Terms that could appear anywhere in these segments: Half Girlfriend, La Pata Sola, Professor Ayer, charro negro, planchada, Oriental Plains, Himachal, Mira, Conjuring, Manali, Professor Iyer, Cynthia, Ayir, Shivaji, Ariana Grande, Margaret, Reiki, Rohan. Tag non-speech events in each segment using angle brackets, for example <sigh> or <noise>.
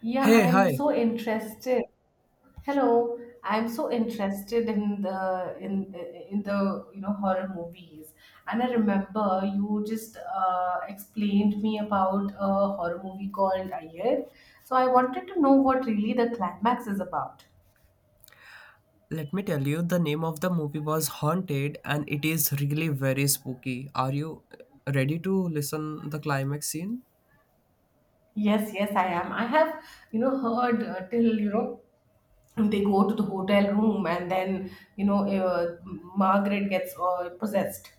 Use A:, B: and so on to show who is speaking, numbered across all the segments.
A: Yeah, I
B: Hey,
A: am
B: hi.
A: so interested. Hello, I'm so interested in the horror movies, and I remember you just explained me about a horror movie called Ayir. So I wanted to know what really the climax is about.
B: Let me tell you, the name of the movie was Haunted and it is really very spooky. Are you ready to listen the climax scene?
A: Yes, yes, I am. I have, heard till, they go to the hotel room and then, Margaret gets possessed.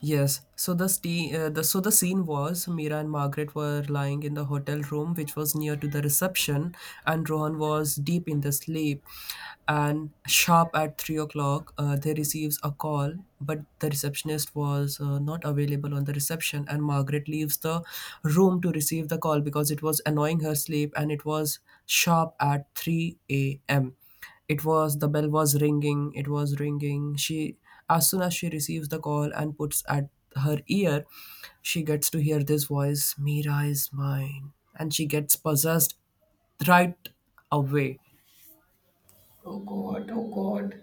B: Yes. So the ste- the so the scene was Mira and Margaret were lying in the hotel room, which was near to the reception, and Rohan was deep in the sleep. And sharp at 3 o'clock, they receives a call, but the receptionist was not available on the reception, and Margaret leaves the room to receive the call because it was annoying her sleep, and it was sharp at three a.m. It was the bell was ringing, it was ringing. She, as soon as she receives the call and puts at her ear, she gets to hear this voice, Mira is mine. And she gets possessed right away.
A: Oh God, oh God.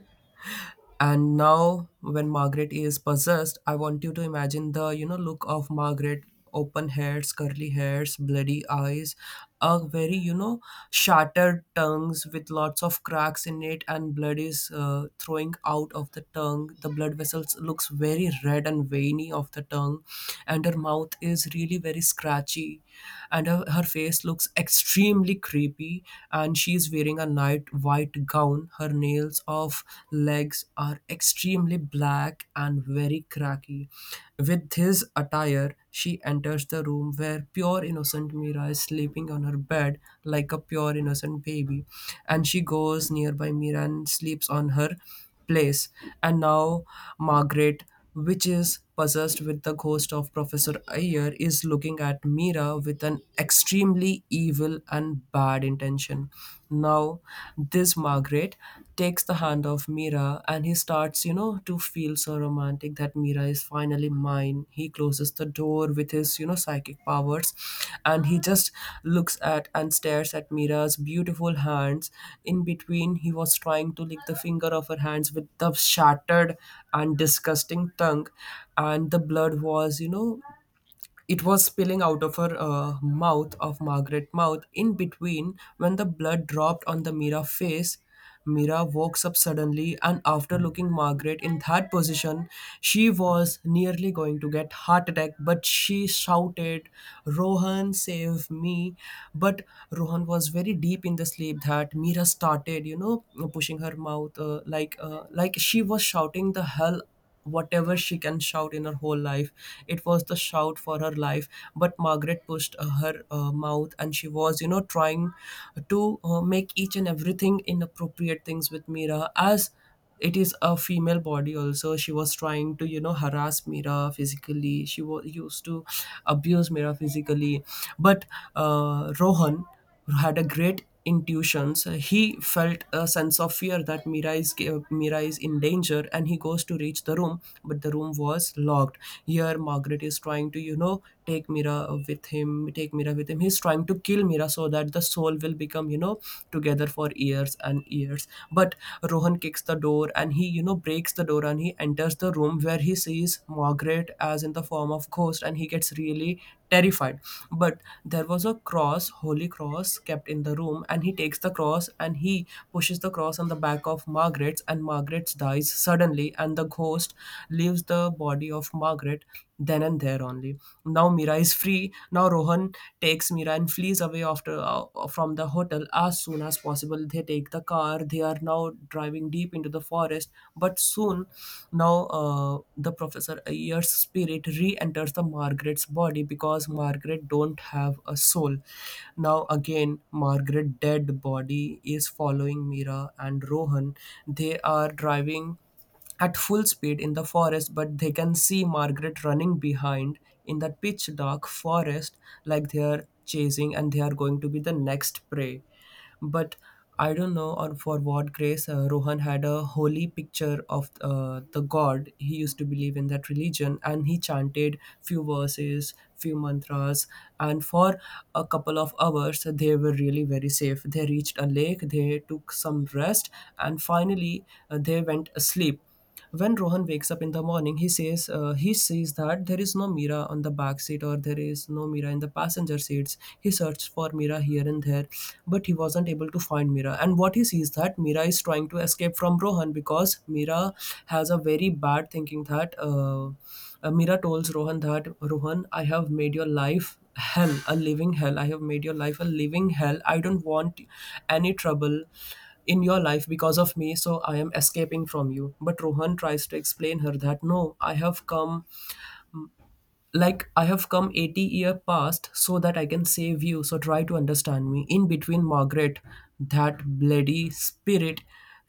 B: And now, when Margaret is possessed, I want you to imagine the look of Margaret: open heads, curly hairs, bloody eyes, a very shattered tongues with lots of cracks in it, and blood is throwing out of the tongue. The blood vessels looks very red and veiny of the tongue, and her mouth is really very scratchy, and her face looks extremely creepy, and she is wearing a night white gown. Her nails of legs are extremely black and very cracky. With this attire, she enters the room where pure innocent Mira is sleeping on her bed like a pure innocent baby, and she goes nearby Mira and sleeps on her place, and now Margaret, which is possessed with the ghost of Professor Ayer, is looking at Mira with an extremely evil and bad intention. Now, this Margaret takes the hand of Mira and he starts, you know, to feel so romantic ecstatic that Mira is finally mine. He closes the door with his, you know, psychic powers and he just looks at and stares at Mira's beautiful hands. In between, he was trying to lick the finger of her hands with the shattered and disgusting tongue, and the blood was, you know, it was spilling out of her mouth of Margaret's mouth in between when the blood dropped on the Mira face. Mira woke up suddenly and after looking Margaret in that position, she was nearly going to get heart attack, but she shouted, Rohan, save me. But Rohan was very deep in the sleep that Mira started, you know, pushing her mouth like she was shouting the hell whatever she can shout in her whole life. It was the shout for her life, but Margaret pushed her mouth, and she was, you know, trying to make each and everything inappropriate things with Mira. As it is a female body, also she was trying to, you know, harass Mira physically. She was used to abuse Mira physically, but Rohan, who had a great intuitions. He felt a sense of fear that Mira is in danger, and he goes to reach the room, but the room was locked. Here, Margaret is trying to, you know, take Mira with him. He's trying to kill Mira so that the soul will become, you know, together for years and years. But Rohan kicks the door and he, you know, breaks the door and he enters the room where he sees Margaret as in the form of ghost and he gets really terrified. But there was a cross holy cross kept in the room, and he takes the cross and he pushes the cross on the back of Margaret's, and Margaret's dies suddenly and the ghost leaves the body of Margaret then and there only. Now Mira is free. Now Rohan takes Mira and flees away after from the hotel as soon as possible. They take the car. They are now driving deep into the forest, but soon, now the Professor Ayer's spirit re-enters the Margaret's body because Margaret don't have a soul. Now again, Margaret dead body is following Mira and Rohan. They are driving at full speed in the forest, but they can see Margaret running behind in that pitch dark forest, like they are chasing and they are going to be the next prey. But I don't know or for what grace, Rohan had a holy picture of the god he used to believe in that religion, and he chanted few verses, few mantras, and for a couple of hours they were really very safe. They reached a lake, they took some rest, and finally they went asleep. When Rohan wakes up in the morning, he sees that there is no Mira on the back seat or there is no Mira in the passenger seats. He searched for Mira here and there, but he wasn't able to find Mira. And what he sees that Mira is trying to escape from Rohan because Mira has a very bad thinking that. Mira tells Rohan that Rohan, I have made your life hell, a living hell. I have made your life a living hell. I don't want any trouble in your life because of me, so I am escaping from you. But Rohan tries to explain her that no, I have come 80-year past so that I can save you, so try to understand me. In between Margaret, that bloody spirit,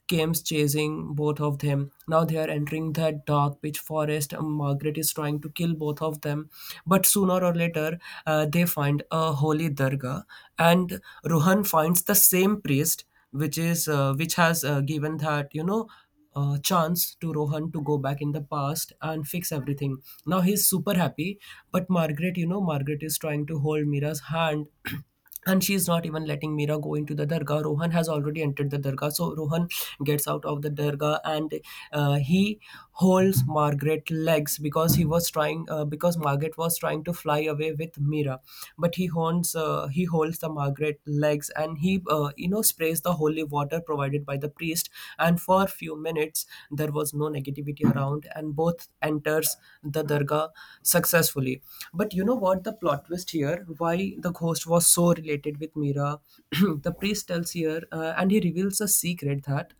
B: came chasing both of them. Now they are entering that dark pitch forest, and Margaret is trying to kill both of them. But sooner or later, they find a holy darga, and Rohan finds the same priest which is which has given that, you know, chance to Rohan to go back in the past and fix everything. Now he's super happy, but Margaret is trying to hold Mira's hand. <clears throat> And she's not even letting Mira go into the dargah. Rohan has already entered the dargah. So Rohan gets out of the dargah and he holds Margaret legs because he was trying because Margaret was trying to fly away with Mira. But he holds the Margaret separate legs, and he, you know, sprays the holy water provided by the priest, and for a few minutes there was no negativity around, and both enters the dargah successfully. But you know what the plot twist here, why the ghost was so related with Mira. <clears throat> The priest tells here, and he reveals a secret that,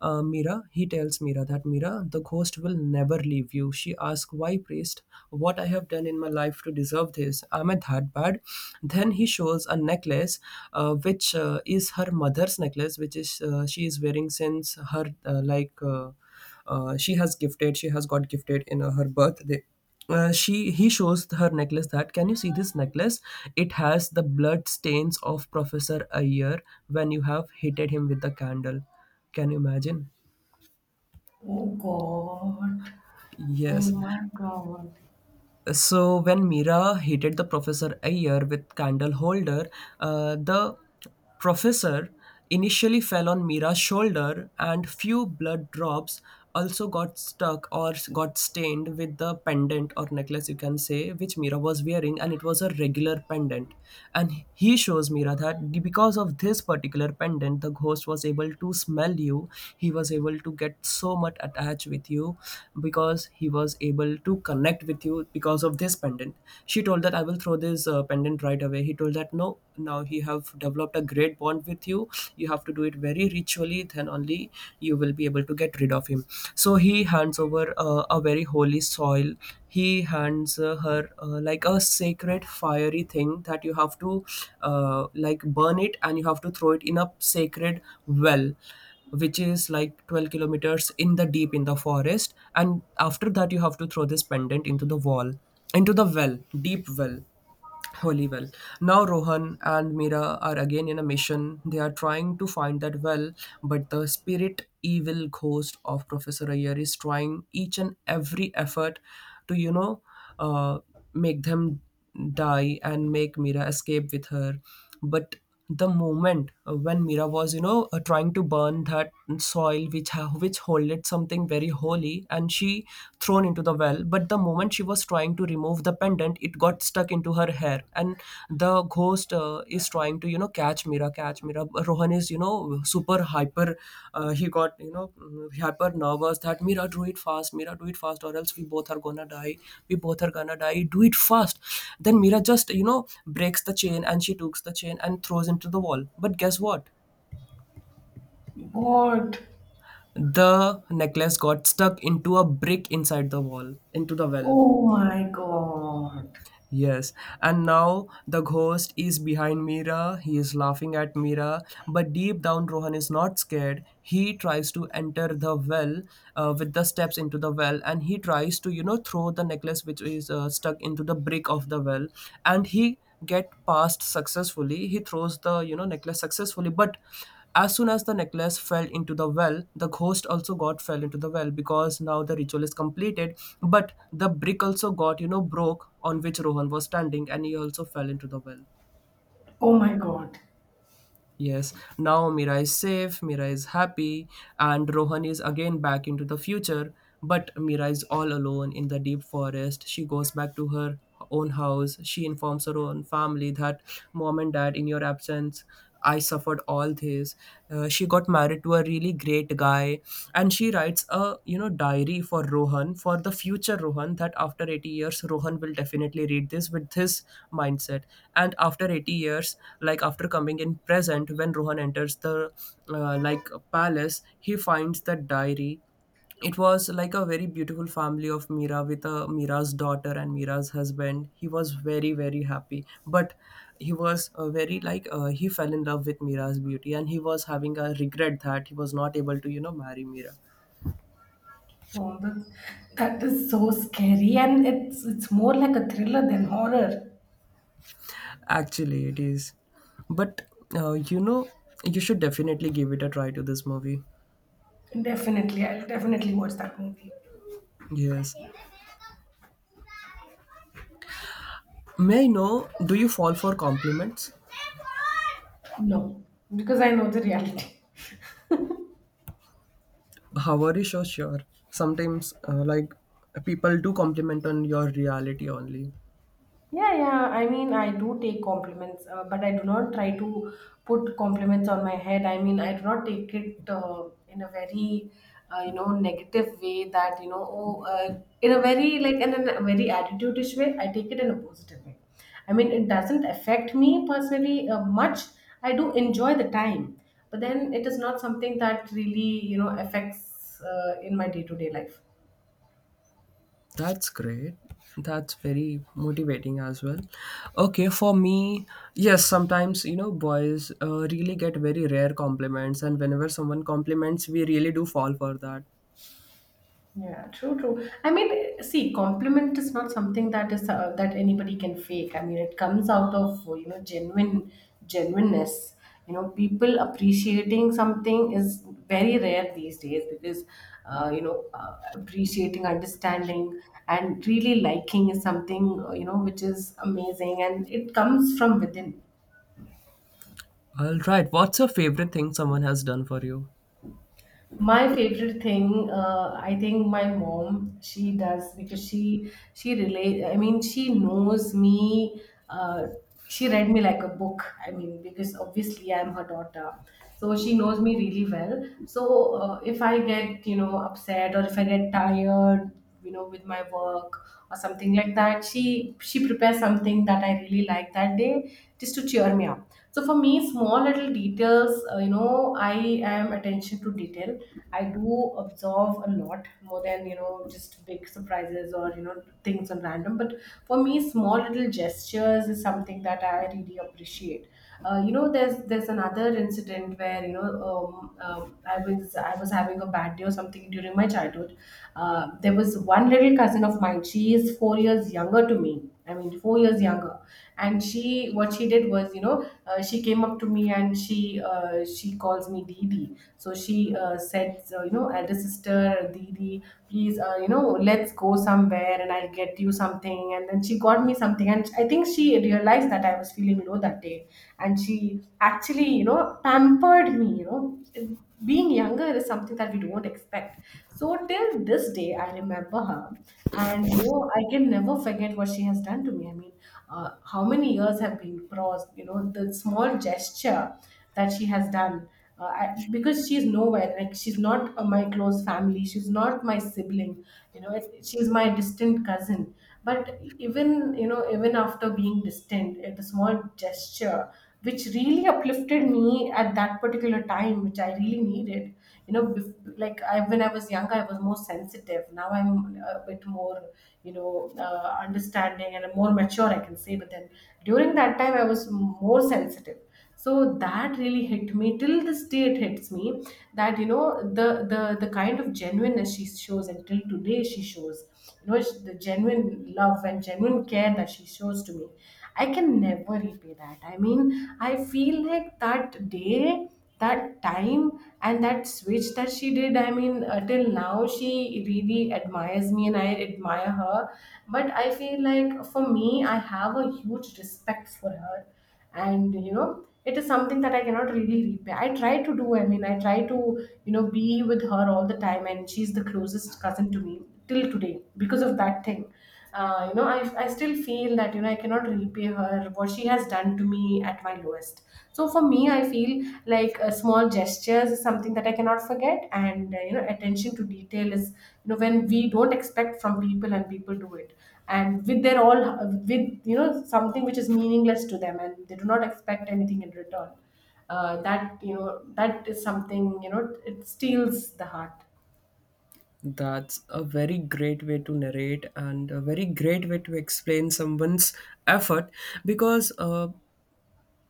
B: mira he tells Mira that Mira, the ghost will never leave you. She asks, why priest? What I have done in my life to deserve this? Am I that bad? Then he shows a necklace, which is her mother's necklace, which is, she is wearing since her like she has gifted, she has got gifted in her birthday. She he shows her necklace that, can you see this necklace? It has the blood stains of Professor Ayer when you have hitted him with the candle. Can you imagine?
A: Oh God. Oh
B: Yes.
A: my God.
B: So when Mira hated the Professor Ayer with candle holder, the professor initially fell on Mira's shoulder, and few blood drops also got stuck or got stained with the pendant or necklace, you can say, which Mira was wearing, and it was a regular pendant. And he shows Mira that because of this particular pendant, the ghost was able to smell you. He was able to get so much attached with you because he was able to connect with you because of this pendant. She told that, I will throw this pendant right away. He told that no, now he have developed a great bond with you. You have to do it very ritually, then only you will be able to get rid of him. So he hands over a very holy soil. He hands her like a sacred fiery thing that you have to, like, burn it, and you have to throw it in a sacred well, which is like 12 kilometers in the deep in the forest, and after that you have to throw this pendant into the wall, into the well, deep well, holy well. Now Rohan and Mira are again in a mission. They are trying to find that well, but the spirit evil ghost of Professor Ayer is trying each and every effort to, you know, uh, make them die and make Mira escape with her. But the moment when Mira was, you know, trying to burn that soil which holded something very holy, and she thrown into the well. But the moment she was trying to remove the pendant, it got stuck into her hair, and the ghost is trying to catch Mira, catch Mira. Rohan is super hyper. He got hyper nervous that Mira, do it fast, Mira, do it fast, or else we both are gonna die, we both are gonna die, do it fast. Then Mira just breaks the chain, and she takes the chain and throws into the wall. But guess what?
A: God.
B: The necklace got stuck into a brick inside the wall, into the well.
A: Oh my God.
B: Yes, and now the ghost is behind Mira. He is laughing at Mira, but deep down, Rohan is not scared. He tries to enter the well with the steps into the well, and he tries to, throw the necklace, which is stuck into the brick of the well, and he get past successfully. He throws the necklace successfully, but as soon as the necklace fell into the well, the ghost also got fell into the well, because now the ritual is completed. But the brick also got broke, on which Rohan was standing, and he also fell into the well.
A: Oh my God.
B: Yes, now Mira is safe, Mira is happy, and Rohan is again back into the future. But Mira is all alone in the deep forest. She goes back to her own house. She informs her own family that, Mom and Dad, in your absence, I suffered all this. She got married to a really great guy, and she writes a diary for Rohan, for the future Rohan, that after 80 years Rohan will definitely read this with his mindset. And after 80 years, like after coming in present, when Rohan enters the like palace, he finds that diary. It was like a very beautiful family of Mira, with a Mira's daughter and Mira's husband. He was very very happy, but he was very like he fell in love with Mira's beauty, and he was having a regret that he was not able to marry Mira.
A: Oh, that is so scary, and it's more like a thriller than horror.
B: Actually, it is, but uh, you know you should definitely give it a try to this movie.
A: Definitely, I'll definitely watch that movie.
B: Yes, may I know, do you fall for compliments?
A: No, because I know the reality.
B: How are you so sure? Sometimes like people do compliment on your reality only.
A: Yeah, yeah. I mean, I do take compliments, but I do not try to put compliments on my head. I mean, I do not take it in a very, you know, negative way that, you know, oh, in a very, like, in a very attitude-ish way. I take it in a positive way. I mean, it doesn't affect me personally much. I do enjoy the time, but then it is not something that really, you know, affects in my day-to-day life.
B: That's great. That's very motivating as well. Okay, for me, yes, sometimes, you know, boys really get very rare compliments, and whenever someone compliments, we really do fall for that.
A: Yeah, true, true. I mean, see, compliment is not something that is that anybody can fake. I mean, it comes out of you know genuineness. You know, people appreciating something is very rare these days because appreciating, understanding, and really liking is something you know which is amazing, and it comes from within.
B: All right, what's your favorite thing someone has done for you?
A: My favorite thing, I think my mom, she does, because she relate, I mean, she knows me, uh, she read me like a book. I mean, because obviously I'm her daughter, so she knows me really well. So if I get you know upset or if I get tired, you know, with my work or something like that, she prepares something that I really like that day, just to cheer me up. So for me, small little details, you know, I am attention to detail. I do observe a lot more than you know just big surprises or you know things on random, but for me, small little gestures is something that I really appreciate. You know, there's another incident where you know I was having a bad day or something during my childhood. There was one little cousin of mine. She is 4 years younger to me. I mean, 4 years younger. And she, what she did was, you know, she came up to me and she calls me Didi. So she said, so, you know, elder sister, Didi, please, you know, let's go somewhere and I'll get you something. And then she got me something. And I think she realized that I was feeling low that day. And she actually, you know, pampered me, you know. Being younger is something that we don't expect. So till this day, I remember her. And, you know, I can never forget what she has done to me. I mean, how many years have been crossed, you know, the small gesture that she has done. Because she's nowhere, like she's not my close family, she's not my sibling, you know it, she's my distant cousin. But even you know even after being distant, the small gesture which really uplifted me at that particular time, which I really needed, you know, when I was younger, I was more sensitive. Now I'm a bit more you know understanding and more mature, I can say. But then during that time, I was more sensitive, so that really hit me. Till this day, it hits me that you know the the kind of genuineness she shows, and till today she shows, you know, the genuine love and genuine care that she shows to me. I can never repay that. I mean, I feel like that day, that time, and that switch that she did, I mean, till now she really admires me and I admire her, but I feel like for me, I have a huge respect for her. And you know it is something that I cannot really repay. I try to do, I mean, I try to, you know, be with her all the time, and she's the closest cousin to me till today, because of that thing. I still feel that you know I cannot repay her what she has done to me at my lowest. So for me, I feel like, small gestures is something that I cannot forget. And you know attention to detail is you know when we don't expect from people and people do it, and with their all, with you know something which is meaningless to them, and they do not expect anything in return. That you know that is something, you know, it steals the heart.
B: That's a very great way to narrate, and a very great way to explain someone's effort, because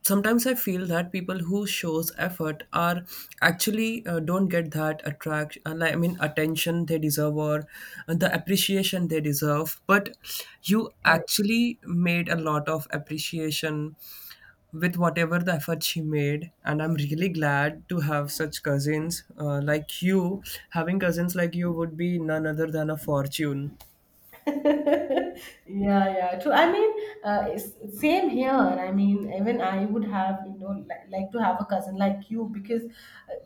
B: sometimes I feel that people who shows effort are actually don't get that attraction, I mean attention they deserve, or the appreciation they deserve. But you
A: Correct.
B: actually made a lot of appreciation with whatever the effort she made, and I'm really glad to have such cousins like you. Having cousins like you would be none other than a fortune.
A: <laughs> Yeah. Yeah, true, I mean, it's- same here. I mean, even I would have you know like to have a cousin like you, because uh,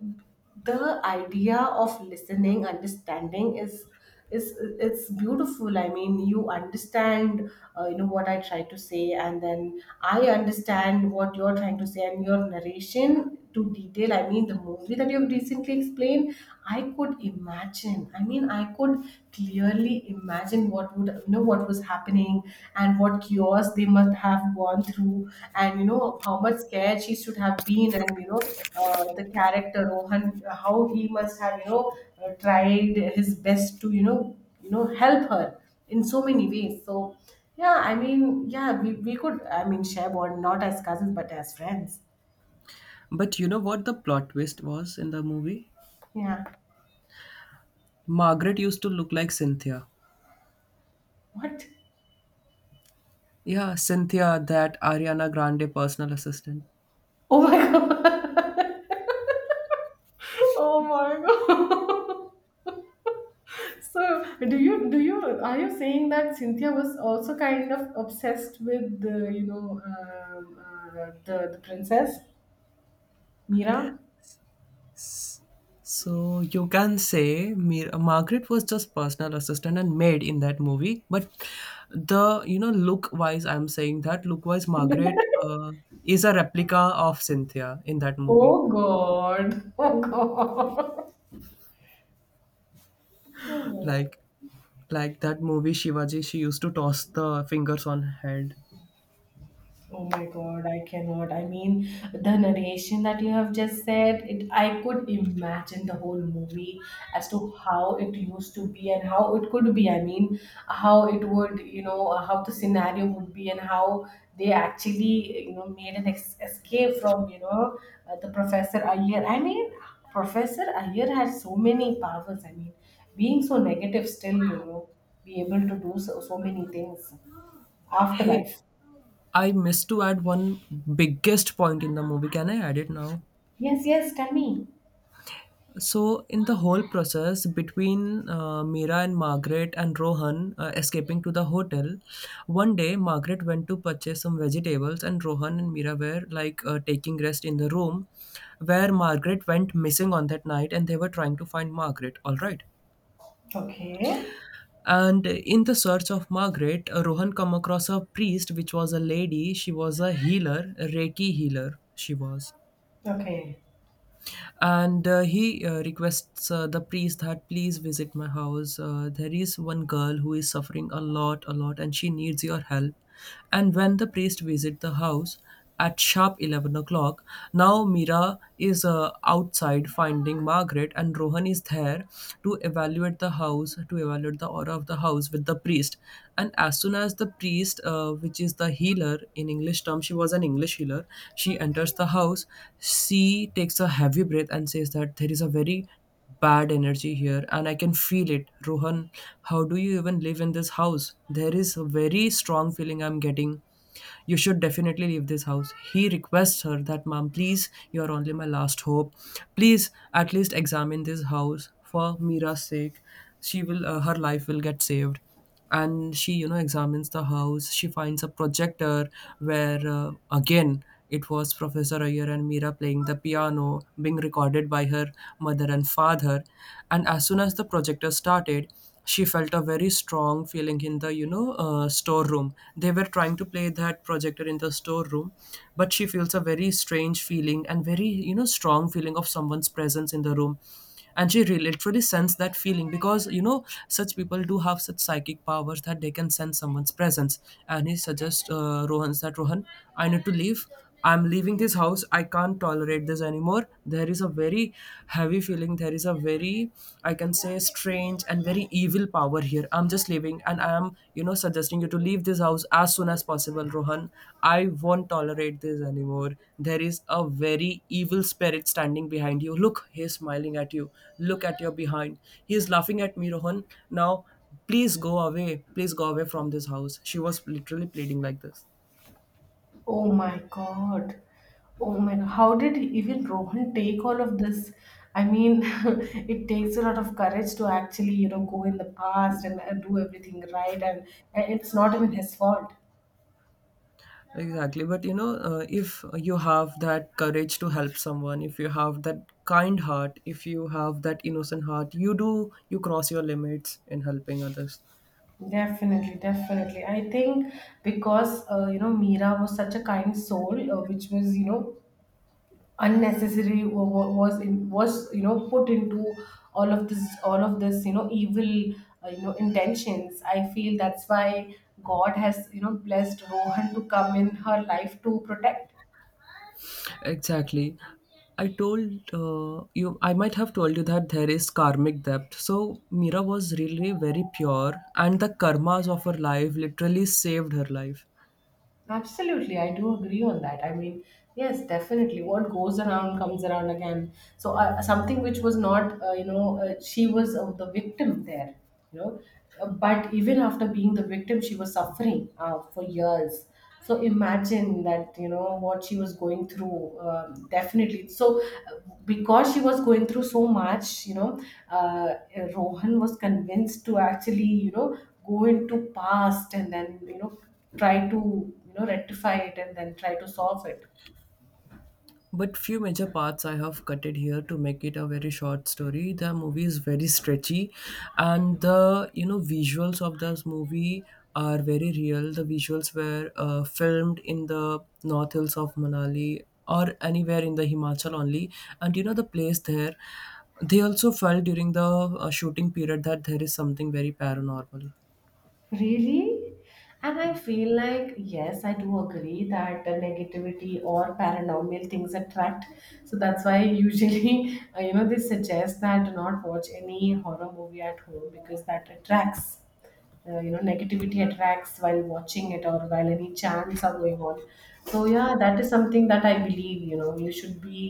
A: the idea of listening understanding is it's beautiful. I mean, you understand you know what I try to say, and then I understand what you're trying to say, and your narration to detail. I mean, the movie that you've recently explained, I could imagine. I mean, I could clearly imagine what would you know what was happening, and what chaos they must have gone through, and you know how much scared she should have been, and you know the character Rohan, how he must have you know tried his best to you know help her in so many ways. So yeah, I mean, yeah, we could, I mean, share bond not as cousins but as friends.
B: But you know what the plot twist was in the movie?
A: Yeah.
B: Margaret used to look like Cynthia.
A: What?
B: Yeah, Cynthia, that Ariana Grande personal assistant.
A: Oh my <laughs> god. <laughs> Oh my god. <laughs> So, do you are you saying that Cynthia was also kind of obsessed with the you know the princess Mira?
B: So you can say Margaret was just personal assistant and maid in that movie, but the you know look wise, I'm saying that look wise, Margaret is a replica of Cynthia in that movie.
A: Oh God! <laughs> Oh God! <laughs> Oh
B: Like
A: God!
B: like that movie Shivaji, she used to toss the fingers on head.
A: Oh my god, I cannot. I mean, the narration that you have just said, it I could imagine the whole movie as to how it used to be and how it could be. I mean, how it would, you know, how the scenario would be, and how they actually, you know, made an escape from, you know, the Professor Iyer. I mean, Professor Iyer had so many powers. I mean, being so negative still, you know, be able to do so, so many things.
B: Hey,
A: Afterlife.
B: I missed to add one biggest point in the movie. Can I add it now?
A: Yes, yes, tell me.
B: So, in the whole process between Mira and Margaret and Rohan escaping to the hotel, one day Margaret went to purchase some vegetables, and Rohan and Mira were like taking rest in the room, where Margaret went missing on that night, and they were trying to find Margaret. All right.
A: Okay.
B: And in the search of Margaret, Rohan come across a priest, which was a lady. She was a healer, a Reiki healer, she was.
A: Okay.
B: And he requests the priest that, please visit my house, there is one girl who is suffering a lot, a lot, and she needs your help. And when the priest visit the house at sharp 11 o'clock, now Mira is outside finding Margaret, and Rohan is there to evaluate the house, to evaluate the aura of the house with the priest. And as soon as the priest, which is the healer in English term, she was an English healer, she enters the house, she takes a heavy breath and says that there is a very bad energy here and I can feel it. Rohan, how do you even live in this house? There is a very strong feeling I'm getting. You should definitely leave this house. He requests her that, Mom, please, you are only my last hope. Please, at least examine this house for Mira's sake. She will, her life will get saved. And she examines the house. She finds a projector where again it was Professor Ayer and Mira playing the piano, being recorded by her mother and father. And as soon as the projector started, she felt a very strong feeling in the storeroom. They were trying to play that projector in the storeroom, but she feels a very strange feeling, and very strong feeling of someone's presence in the room. And she literally sensed that feeling, because you know such people do have such psychic powers that they can sense someone's presence. And he suggests Rohan's that, Rohan, I need to leave. I'm leaving this house, I can't tolerate this anymore. There is a very heavy feeling. There is a very, I can say, strange and very evil power here. I'm just leaving, and I am, you know, suggesting you to leave this house as soon as possible, Rohan. I won't tolerate this anymore. There is a very evil spirit standing behind you. Look, he is smiling at you. Look at your behind. He is laughing at me, Rohan. Now, please go away. Please go away from this house. She was literally pleading like this.
A: Oh my God. Oh my God. How did even Rohan take all of this? I mean, <laughs> it takes a lot of courage to actually, you know, go in the past and do everything right. And it's not even his fault.
B: Exactly. But you know, if you have that courage to help someone, if you have that kind heart, if you have that innocent heart, you do, you cross your limits in helping others.
A: Definitely, definitely. I think because you know Mira was such a kind soul, which was you know unnecessary was in was you know put into all of this you know evil you know intentions. I feel that's why god has you know blessed Rohan to come in her life to protect.
B: Exactly. I told you, I might have told you, that there is karmic depth. So Mira was really very pure, and the karmas of her life literally saved her life.
A: Absolutely, I do agree on that. I mean, yes, definitely. What goes around comes around again. So something which was not, you know, she was the victim there, you know. But even after being the victim, she was suffering for years. So imagine that, you know, what she was going through. Definitely. So because she was going through so much, you know, uh, Rohan was convinced to actually, you know, go into past and then, you know, try to you know rectify it and then try to solve it.
B: But few major parts I have cutted here to make it a very short story. The movie is very stretchy, and the you know visuals of this movie are very real. The visuals were filmed in the north hills of Manali, or anywhere in the Himachal only, and you know the place there. They also felt during the shooting period that there is something very paranormal.
A: Really? And I feel like, yes, I do agree that the negativity or paranormal things attract. So that's why usually, <laughs> you know, they suggest that do not watch any horror movie at home because that attracts. You know negativity attracts while watching it or while any chants are going on. So yeah, that is something that I believe, you know, you should be,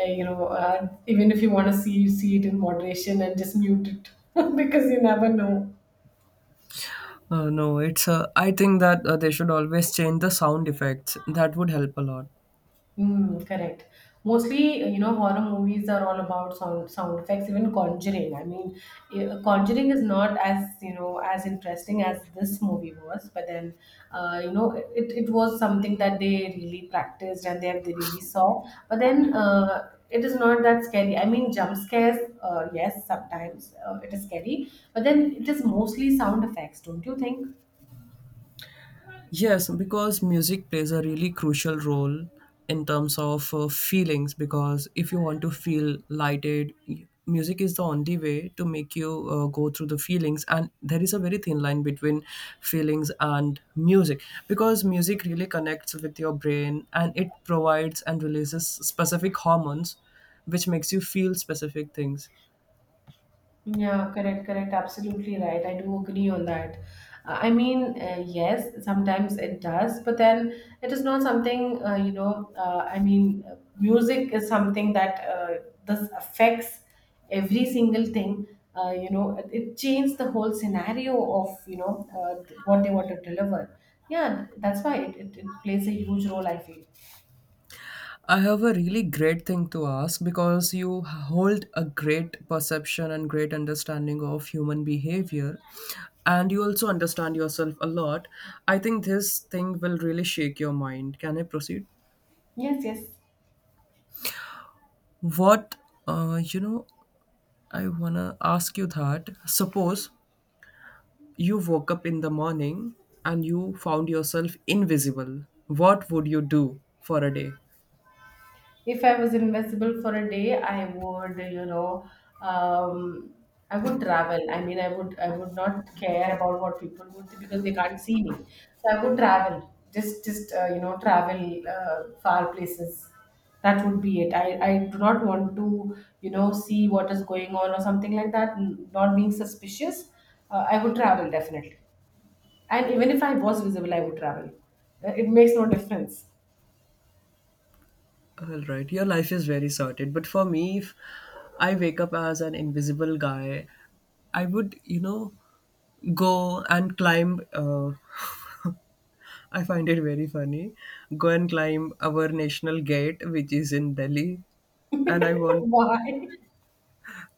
A: you know, even if you want to see, you see it in moderation and just mute it, <laughs> because you never know.
B: No, it's. I think that they should always change the sound effects. That would help a lot.
A: Mm, correct. Mostly, you know, horror movies are all about sound effects. Even Conjuring. I mean, Conjuring is not as you know as interesting as this movie was. But then, you know, it was something that they really practiced and they really saw. But then, it is not that scary. I mean, jump scares. Yes, sometimes it is scary. But then, it is mostly sound effects. Don't you think?
B: Yes, because music plays a really crucial role in terms of feelings. Because if you want to feel lighted, music is the only way to make you go through the feelings. And there is a very thin line between feelings and music, because music really connects with your brain, and it provides and releases specific hormones which makes you feel specific things.
A: Yeah, correct, correct. Absolutely right. I do agree on that. I mean, yes, sometimes it does, but then it is not something, you know, music is something that this affects every single thing. You know, it changed the whole scenario of, you know, what they want to deliver. Yeah, that's why it plays a huge role, I feel.
B: I have a really great thing to ask, because you hold a great perception and great understanding of human behavior, and you also understand yourself a lot. I think this thing will really shake your mind. Can I proceed?
A: Yes, yes.
B: What, uh, you know, I wanna ask you that. Suppose you woke up in the morning and you found yourself invisible. What would you do for a day?
A: If I was invisible for a day, I would, you know, um, I would travel. I mean, I would not care about what people would think because they can't see me. So I would travel, just you know, travel far places. That would be it. I do not want to, you know, see what is going on or something like that. Not being suspicious, I would travel definitely. And even if I was visible, I would travel. It makes no difference.
B: All right, your life is very sorted. But for me, if I wake up as an invisible guy, I would, you know, go and climb. I find it very funny. Go and climb our national gate, which is in Delhi. And I
A: <laughs>
B: want,
A: Why?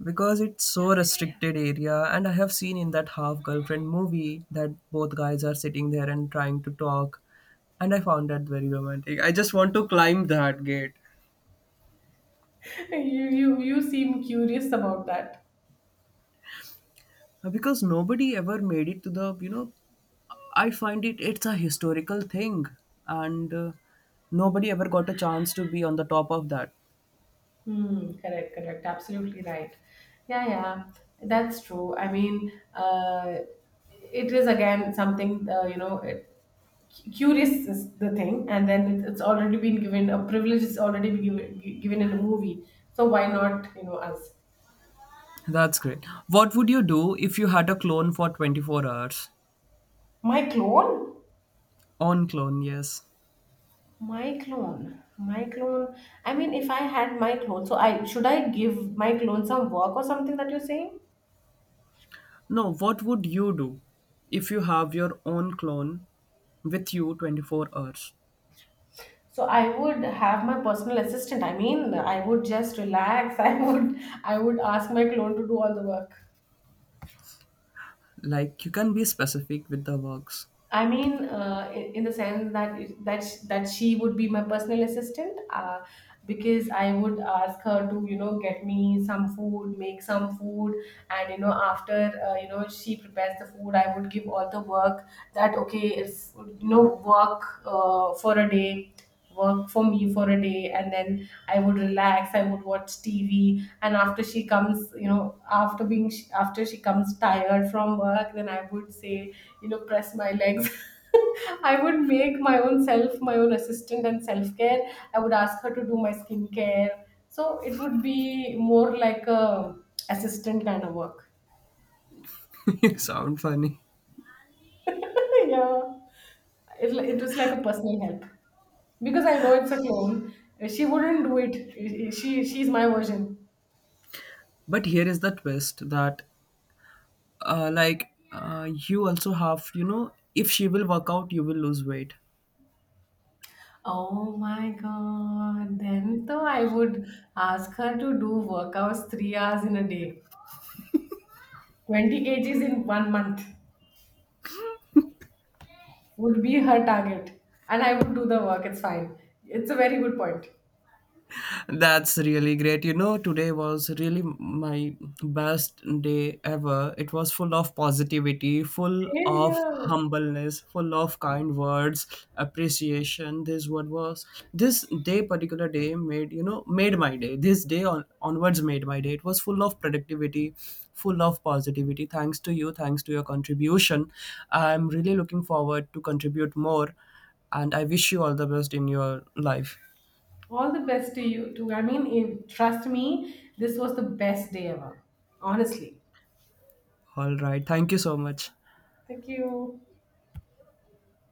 B: because it's so restricted area, and I have seen in that Half Girlfriend movie that both guys are sitting there and trying to talk. And I found that very romantic. I just want to climb that gate.
A: You seem curious about that.
B: Because nobody ever made it to the I find it, it's a historical thing, and nobody ever got a chance to be on the top of that.
A: Hmm, correct, correct. Absolutely right. Yeah, yeah, that's true. I mean, it is again something, you know, curious is the thing, and then it's already been given, a privilege is already been given, given in a movie. So why not, you know, us?
B: That's great. What would you do if you had a clone for 24 hours?
A: My clone?
B: Own clone, yes.
A: My clone. My clone. I mean, if I had my clone, so I give my clone some work or something that you're saying?
B: No, what would you do if you have your own clone with you 24 hours?
A: So I would have my personal assistant. I mean, I would just relax. <laughs> I would ask my clone to do all the work.
B: Like, you can be specific with the works.
A: I mean, in the sense that that she would be my personal assistant, because I would ask her to you know get me some food, make some food, and you know after you know she prepares the food, I would give all the work that okay it's you know work for a day, work for me for a day, and then I would relax. I would watch TV, and after she comes, you know after she comes tired from work, then I would say you know press my legs. <laughs> I would make my own self my own assistant and self care. I would ask her to do my skincare. So it would be more like a assistant kind of work.
B: <laughs> You sound funny.
A: <laughs> Yeah, it was like a personal help because I know it's a clone, she wouldn't do it. She's my version.
B: But here is the twist, that you also have, you know, if she will work out, you will lose weight.
A: Oh my God. Then though I would ask her to do workouts 3 hours in a day. 20 kgs in 1 month. Would be her target, and I would do the work. It's fine. It's a very good point.
B: That's really great. You know, today was really my best day ever. It was full of positivity, full
A: Same
B: of
A: here.
B: humbleness, full of kind words, appreciation. This what was this day particular day made, you know, made my day. This day on, onwards made my day. It was full of productivity, full of positivity. Thanks to you, thanks to your contribution. I'm really looking forward to contribute more, and I wish you all the best in your life.
A: All the best to you too. I mean, in, trust me, this was the best day ever. Honestly.
B: All right. Thank you so much.
A: Thank you.